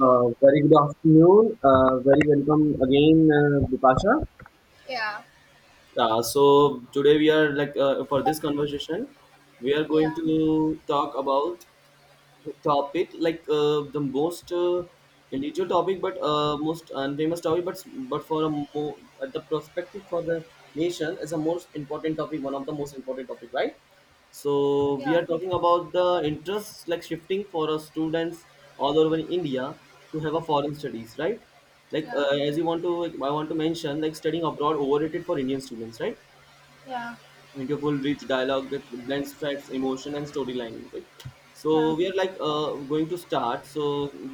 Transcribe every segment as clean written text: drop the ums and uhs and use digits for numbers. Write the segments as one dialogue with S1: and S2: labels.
S1: Very good afternoon. Very welcome again, Bipasha.
S2: Yeah,
S1: So today we are for this conversation, we are going
S2: yeah,
S1: to talk about topic the most unusual topic but most unfamous topic but for a more at the perspective for the nation is a most important topic one of the most important topic, right? So we
S2: yeah,
S1: are talking about the interests like shifting for our students all over India to have a foreign studies, right?
S2: yeah,
S1: As you want to, I want to mention like studying abroad overrated for Indian students, right?
S2: yeah,
S1: Into full rich dialogue that blends facts emotion and storyline, right? So
S2: yeah.
S1: we are going to start, so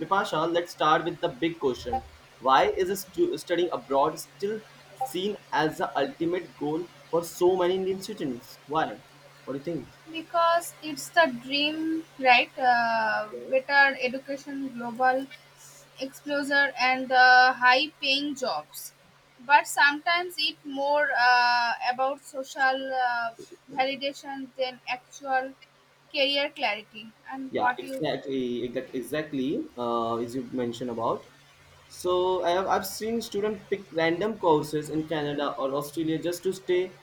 S1: Bipasha, let's start with the big question: why is studying abroad still seen as the ultimate goal for so many indian students? Why, what do you
S2: Because it's the dream, right? Better education, global exposure, and high-paying jobs. But sometimes it more about social
S1: think?
S2: validation than actual career clarity. And
S1: Yeah
S2: what you,
S1: exactly, exactly, as you mentioned about. So I've seen students pick random courses in canada or australia just to stay,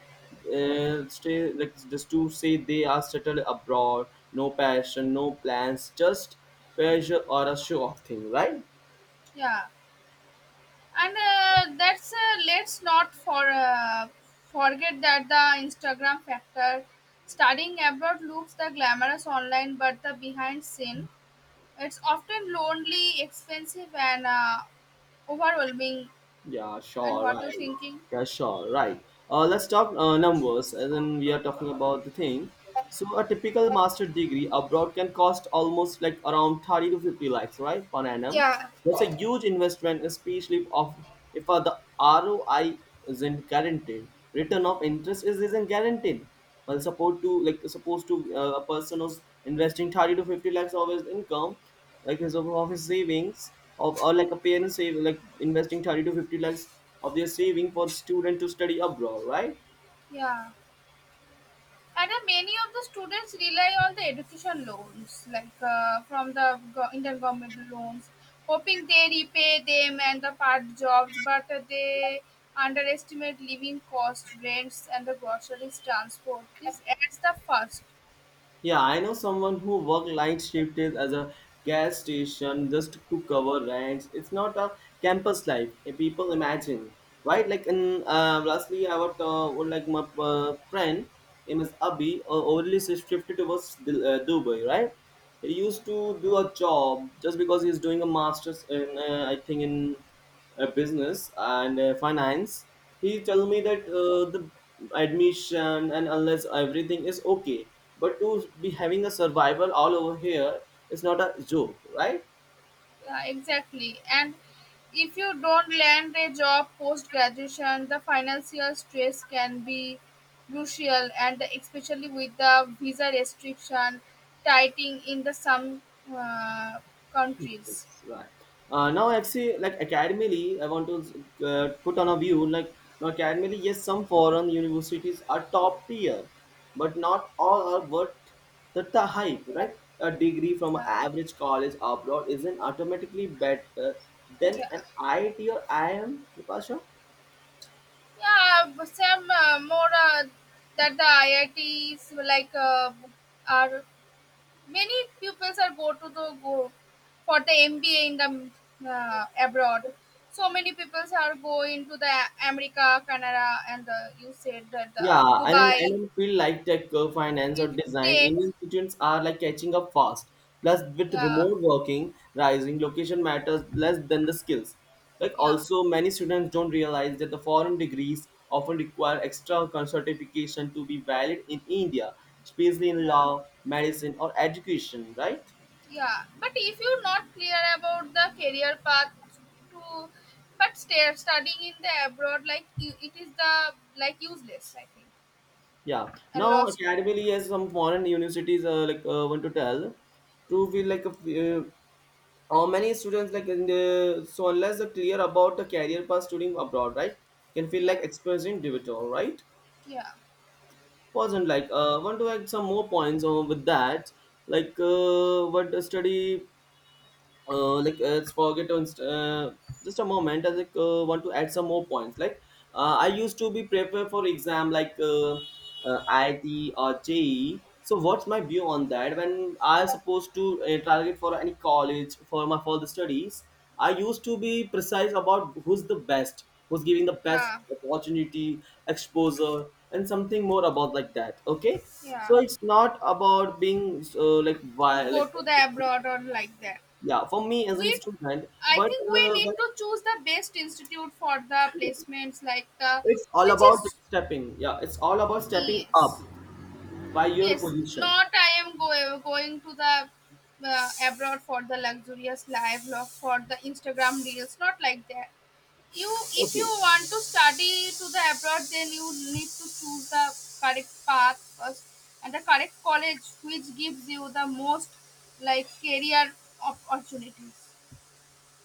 S1: just to say they are settled abroad. No passion, no plans, just pressure or a show off thing, right?
S2: yeah. And that's let's not for forget that the instagram factor, studying abroad looks the glamorous online but the behind scene it's often lonely, expensive, and overwhelming.
S1: Yeah,
S2: And
S1: sure,
S2: what you
S1: right.
S2: thinking?
S1: Yeah, sure, right. Let's talk numbers, as in we are talking about the thing. So a typical master degree abroad can cost almost like around 30 to 50 lakhs, right, per annum.
S2: Yeah,
S1: That's a huge investment, especially if the ROI isn't guaranteed. Return of interest is isn't guaranteed. Well, supposed to a person who's investing 30 to 50 lakhs of his income, like of his savings of, or like a parent save like investing 30 to 50 lakhs of their saving for student to study abroad, right?
S2: yeah. And then many of the students rely on the education loans, like from the Indian government loans, hoping they repay them and the part jobs, but they underestimate living costs, rents, and the groceries, transport. This adds the first.
S1: Yeah, I know someone who worked night shift is as a gas station just to cover rents. It's not a campus life eh, people imagine, right? Like, and lastly, I would like my friend, name is Abhi, only shifted towards Dubai, right? He used to do a job just because he's doing a master's in, I think, in business and finance. He told me that the admission and unless everything is okay, but to be having a survival all over here is not a joke, right?
S2: Yeah, exactly. And if you don't land a job post graduation, the financial stress can be crucial, and especially with the visa restriction tightening in the some uh, countries.
S1: Yes, right. Now actually like academically I want to put on a view like, now academically, yes, some foreign universities are top tier but not all are worth the hype, right? A degree from an
S2: Yeah,
S1: average college abroad isn't automatically better than
S2: yeah,
S1: an iit or iim, Natasha?
S2: yeah. But some more that the IITs like are many pupils are go to the go for the MBA in the abroad. So many people are going to the America, Canada, and the, you said that
S1: Yeah,
S2: the
S1: and then I
S2: Dubai
S1: don't feel like tech, finance, or
S2: will
S1: design,
S2: take.
S1: Indian students are like catching up fast. Plus, with
S2: Yeah,
S1: remote working rising, location matters less than the skills. Like
S2: yeah,
S1: also, many students don't realize that the foreign degrees often require extra certification to be valid in India, especially in
S2: yeah,
S1: law, medicine, or education, right?
S2: yeah. But if you're not clear about the career path to, but stay, studying in the abroad, like you, it is the like useless, I think,
S1: Yeah.
S2: and
S1: Now,
S2: lost.
S1: academically, as some foreign universities want to tell, to feel like a, how many students like in the, so unless they're clear about the career path studying abroad, right, can feel
S2: Yeah,
S1: like experiencing digital, right?
S2: yeah,
S1: Wasn't like want to add some more points on with that, like what the study, let's forget on just a moment, I like, want to add some more points like, I
S2: yeah,
S1: used to be prepared for exam like it or je, so what's my view on that when I supposed to target for any college for my further studies, I used to be precise about who's the best, who's giving the best
S2: yeah.
S1: opportunity, exposure, and something more about like that, okay?
S2: Yeah.
S1: So it's not about being, like why
S2: Go
S1: like
S2: to the abroad or like that.
S1: yeah, for me as
S2: we
S1: in student,
S2: i think we need
S1: but
S2: to choose the best institute for the
S1: yeah,
S2: placements, like the
S1: it's all
S2: which
S1: about
S2: is.
S1: stepping up
S2: Yes,
S1: by your
S2: yes,
S1: position.
S2: not I am going to the abroad for the luxurious life for the instagram reels, not like that. You, if you
S1: Okay,
S2: want to study to the abroad, then you need to choose the correct path first and the correct college which gives you the most like career opportunities.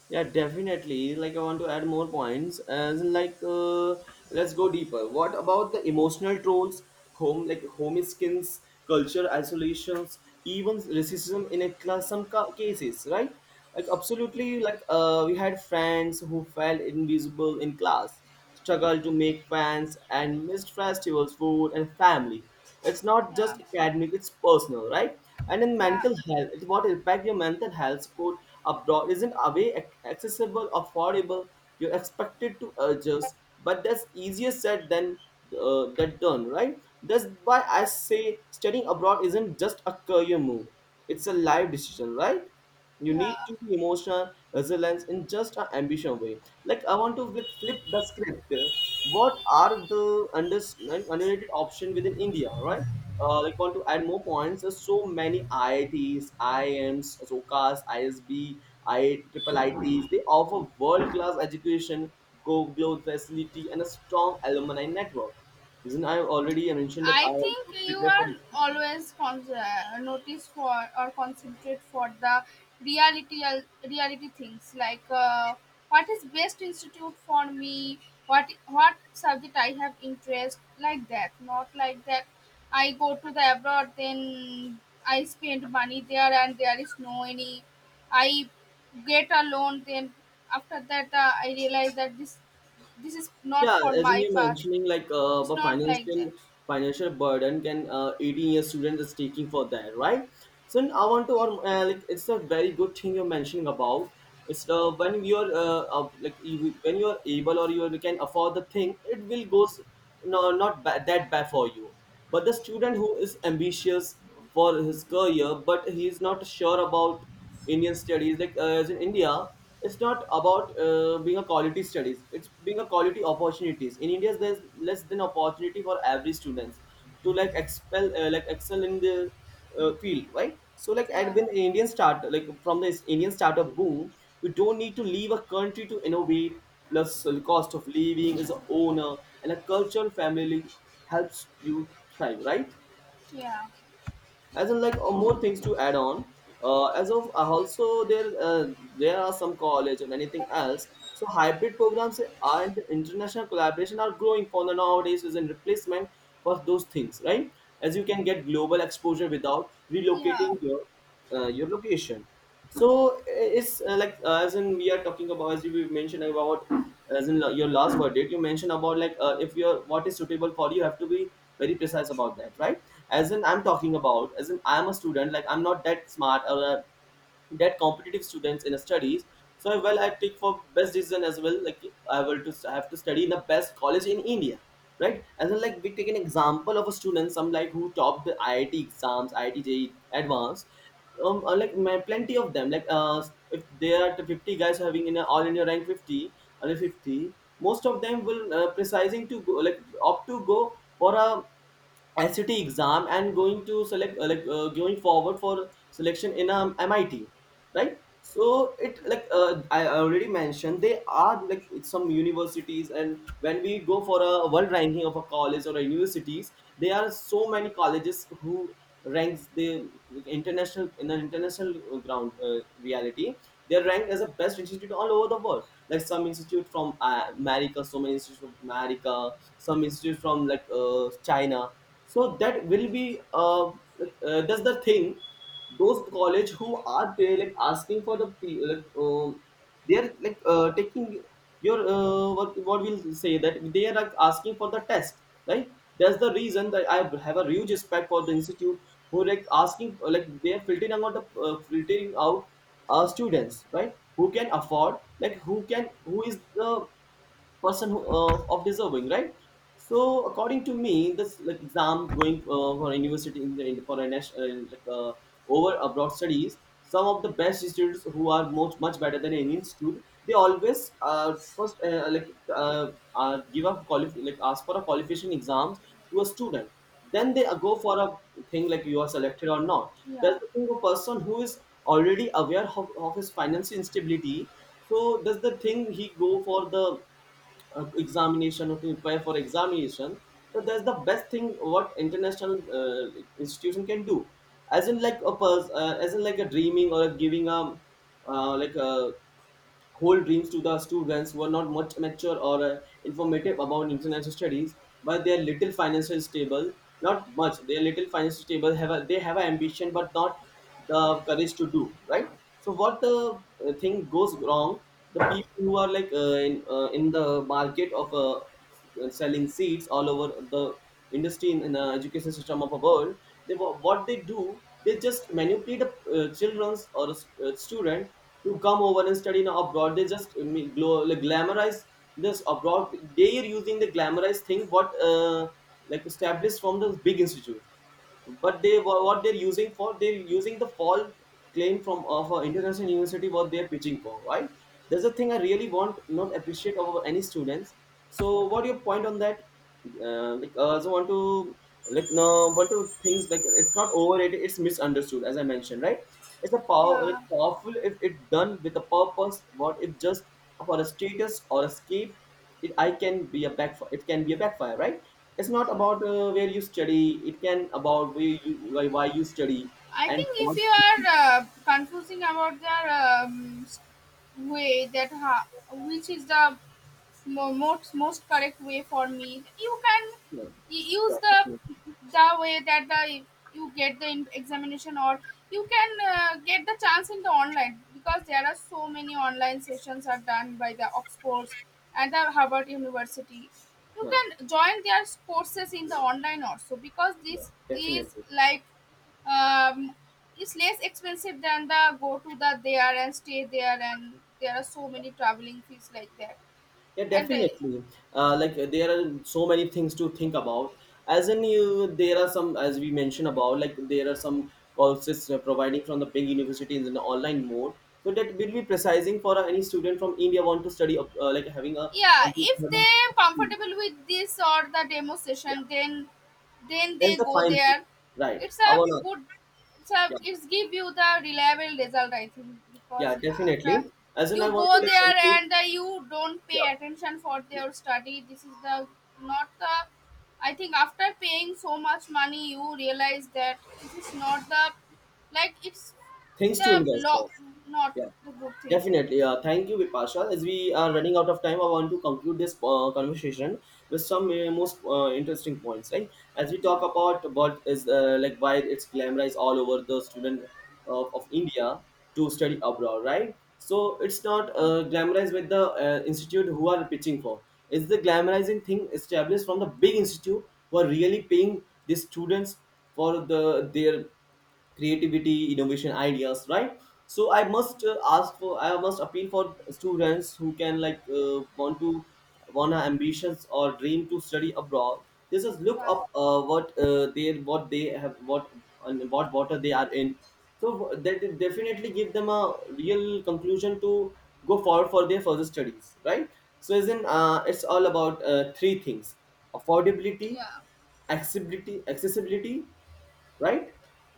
S1: yeah, definitely. Like, I want to add more points. As in, like, let's go deeper. What about the emotional trolls, home like home skins, culture isolations, even racism in a class? Some cases, right? Like, absolutely. Like, we had friends who felt invisible in class, struggled to make friends, and missed festivals, food, and family. It's not
S2: Yeah,
S1: just academic; it's personal, right? And in
S2: yeah,
S1: mental health, it what impact your mental health support abroad isn't away accessible, affordable. You're expected to adjust, but that's easier said than than done, right? That's why I say studying abroad isn't just a career move; it's a life decision, right? You need
S2: yeah.
S1: to be emotional, resilience in just an ambition way. Like I want to flip the script. What are the underrated option within India, right? Like want to add more points. There's so many IITs, IIMs, SOCAS, ISB, I triple ITs. They offer world-class education, go global facility, and a strong alumni network. Isn't I already mentioned that I
S2: I think
S1: also
S2: you
S1: prepare for
S2: are
S1: exams.
S2: always notice for or concentrate for the reality uh, reality things like what is best institute for me, what subject I have interest like that. Not like that. I go to the abroad, then I spend money there, and there is no any. I get a loan, then after that I realize that this is not
S1: Yeah,
S2: for
S1: as in
S2: my
S1: you
S2: path.
S1: mentioning, like
S2: It's
S1: the
S2: not like
S1: financial
S2: that.
S1: financial burden can 18-year student is taking for that, right? So I want to it's a very good thing you're mentioning about. It's when you are like you, when you are able or you can afford the thing, it will goes no, not that bad for you. But the student who is ambitious for his career, but he is not sure about Indian studies, as in India, it's not about being a quality studies. It's being a quality opportunities. In India, there's less than opportunity for every students to like excel in the field, right? So like at
S2: Yeah,
S1: when Indian start, like from the Indian startup boom, you don't need to leave a country to innovate, plus the cost of living is a owner and a cultural family helps you thrive, right?
S2: yeah,
S1: As in like more things to add on, as of also there there are some college and anything else, so hybrid programs and international collaboration are growing for the nowadays is a replacement for those things, right? As you can get global exposure without
S2: yeah,
S1: relocating your location. So it's as in we are talking about, as you mentioned about, as in your last word date you mentioned about, like if you're what is suitable for you, you have to be very precise about that, right? As in I'm talking about, as in I'm a student, like I'm not that smart or that competitive students in studies, so well I take for best decision as well, like I have to study in the best college in india, right? And then like we take an example of a student some like who topped the iit exams, iit JEE advanced. Like my plenty of them, like if there are the 50 guys having in a all in your rank 50, under 50 most of them will precising to go like opt to go for a SCT exam and going to select, going forward for selection in MIT, right? So it like I already mentioned they are like some universities, and when we go for a world ranking of a college or a universities, there are so many colleges who ranks the like, international in an international ground reality. They are ranked as the best institute all over the world. Like some institute from America, so many institute from America, some institute from China, so that will be that's the thing those college who are pay, like asking for the they are taking your what we'll say that they are like asking for the test, right? That's the reason that I have a huge respect for the institute who like asking like they are filtering out the filtering out students, right, who can afford, like who can, who is the person who, of deserving, right? So according to me this like exam going for university in the, in, for a national over abroad studies, some of the best students who are much much better than any institute, they always first give up ask for a qualification exams to a student. Then they go for a thing like you are selected or not.
S2: yeah,
S1: That's the thing, a person who is already aware of his financial instability, so does the thing, he go for the examination or to prepare for examination. So that's the best thing what international institution can do, as in like a as in like a dreaming or a giving a uh, like a whole dreams to the students who are not much mature or informative about international studies, but they are little financially stable. Not much. They are little financially stable. Have a, they have an ambition, but not the courage to do, right. So what the thing goes wrong? The people who are like in the market of selling seeds all over the industry in the education system of a world, they what they do, they just manipulate the children's or a student to come over and study now abroad. They just glamorize this abroad. They are using the glamorized thing what like established from the big institute, but they what they're using for, they're using the false claim from of an international university what they're pitching for, right? That's the thing I really want not appreciate of any students. So what your point on that? So want to, like, no, want to things like, it's not overrated, it's misunderstood, as I mentioned, right? It's a
S2: yeah,
S1: powerful if it done with a purpose. What if just for a status or escape, it, I can be a backfire, it can be a backfire, right? It's not
S2: yeah.
S1: about where you study, it can about where you, why you study
S2: I
S1: and
S2: think
S1: what
S2: if you
S1: you
S2: are
S1: do.
S2: confusing about the way that which is the most most correct way for me, you can
S1: Yeah,
S2: use
S1: definitely.
S2: the way that the you get the examination, or you can get the chance in the online, because there are so many online sessions are done by the Oxfords and the Harvard University. You
S1: Yeah,
S2: can join their courses in the online also, because
S1: yeah,
S2: this is
S1: definitely.
S2: like um, it's less expensive than the go to the there and stay there, and there are so many traveling fees like that.
S1: Yeah,
S2: And
S1: definitely. There are so many things to think about, as in you, there are some, as we mentioned about, like there are some courses providing from the big universities in the online mode. So that will be precising for any student from India want to study like having a
S2: yeah,
S1: want to,
S2: if they comfortable with this or the demo
S1: yeah,
S2: session, then
S1: that's
S2: they
S1: the
S2: go
S1: fine thing,
S2: there.
S1: right,
S2: It's a
S1: our,
S2: good, it's a,
S1: yeah.
S2: it's give you the reliable result, I think,
S1: Yeah,
S2: because after
S1: definitely. As in, I
S2: you
S1: want to
S2: go
S1: like
S2: there
S1: conclude,
S2: and you don't pay
S1: yeah,
S2: attention for their study, this is the not the, I think after paying so much money you realize that this is not the, like it's
S1: things to
S2: the
S1: invest
S2: law,
S1: for.
S2: not
S1: Yeah.
S2: the good things, I
S1: Definitely.
S2: think.
S1: Thank you, Vipasha. As we are running out of time, I want to conclude this conversation with some most interesting points. Right? As we talk
S2: Yeah.
S1: about what is like why it's glamorized all over the student of India to study abroad. Right? So it's not glamorized with the institute who are pitching for. It's the glamorizing thing established from the big institute who are really paying the students for the their creativity, innovation, ideas. Right? So I must ask for, I must appeal for students who can want to, want an ambitions or dream to study abroad. This is look
S2: Yeah.
S1: up what they, what they have, what and what water they are in. So that will definitely give them a real conclusion to go forward for their further studies, right? So isn't it's all about three things: affordability,
S2: Yeah.
S1: accessibility, accessibility, right?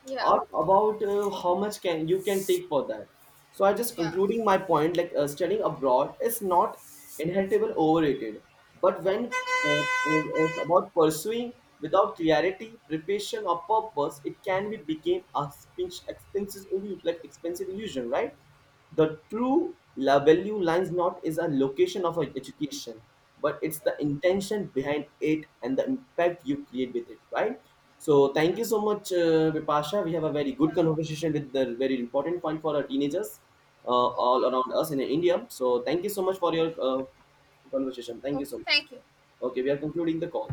S2: Yeah.
S1: Or about how much can you can take for that. So I just
S2: Yeah.
S1: concluding my point, like studying abroad is not inheritable overrated, but when about pursuing without clarity, preparation, or purpose, it can be became a expensive illusion, like expensive illusion, right? The true value lies not is a location of a education, but it's
S2: Yeah.
S1: the intention behind it and the impact you create with it, right? So thank
S2: Yeah.
S1: you so much, Vipasha. We have a very
S2: Yeah.
S1: good conversation with the very important point for our teenagers all
S2: Okay.
S1: around us in India. So thank you so much for your conversation. Thank you
S2: Okay.
S1: so much.
S2: Thank you.
S1: Okay, we are concluding the call.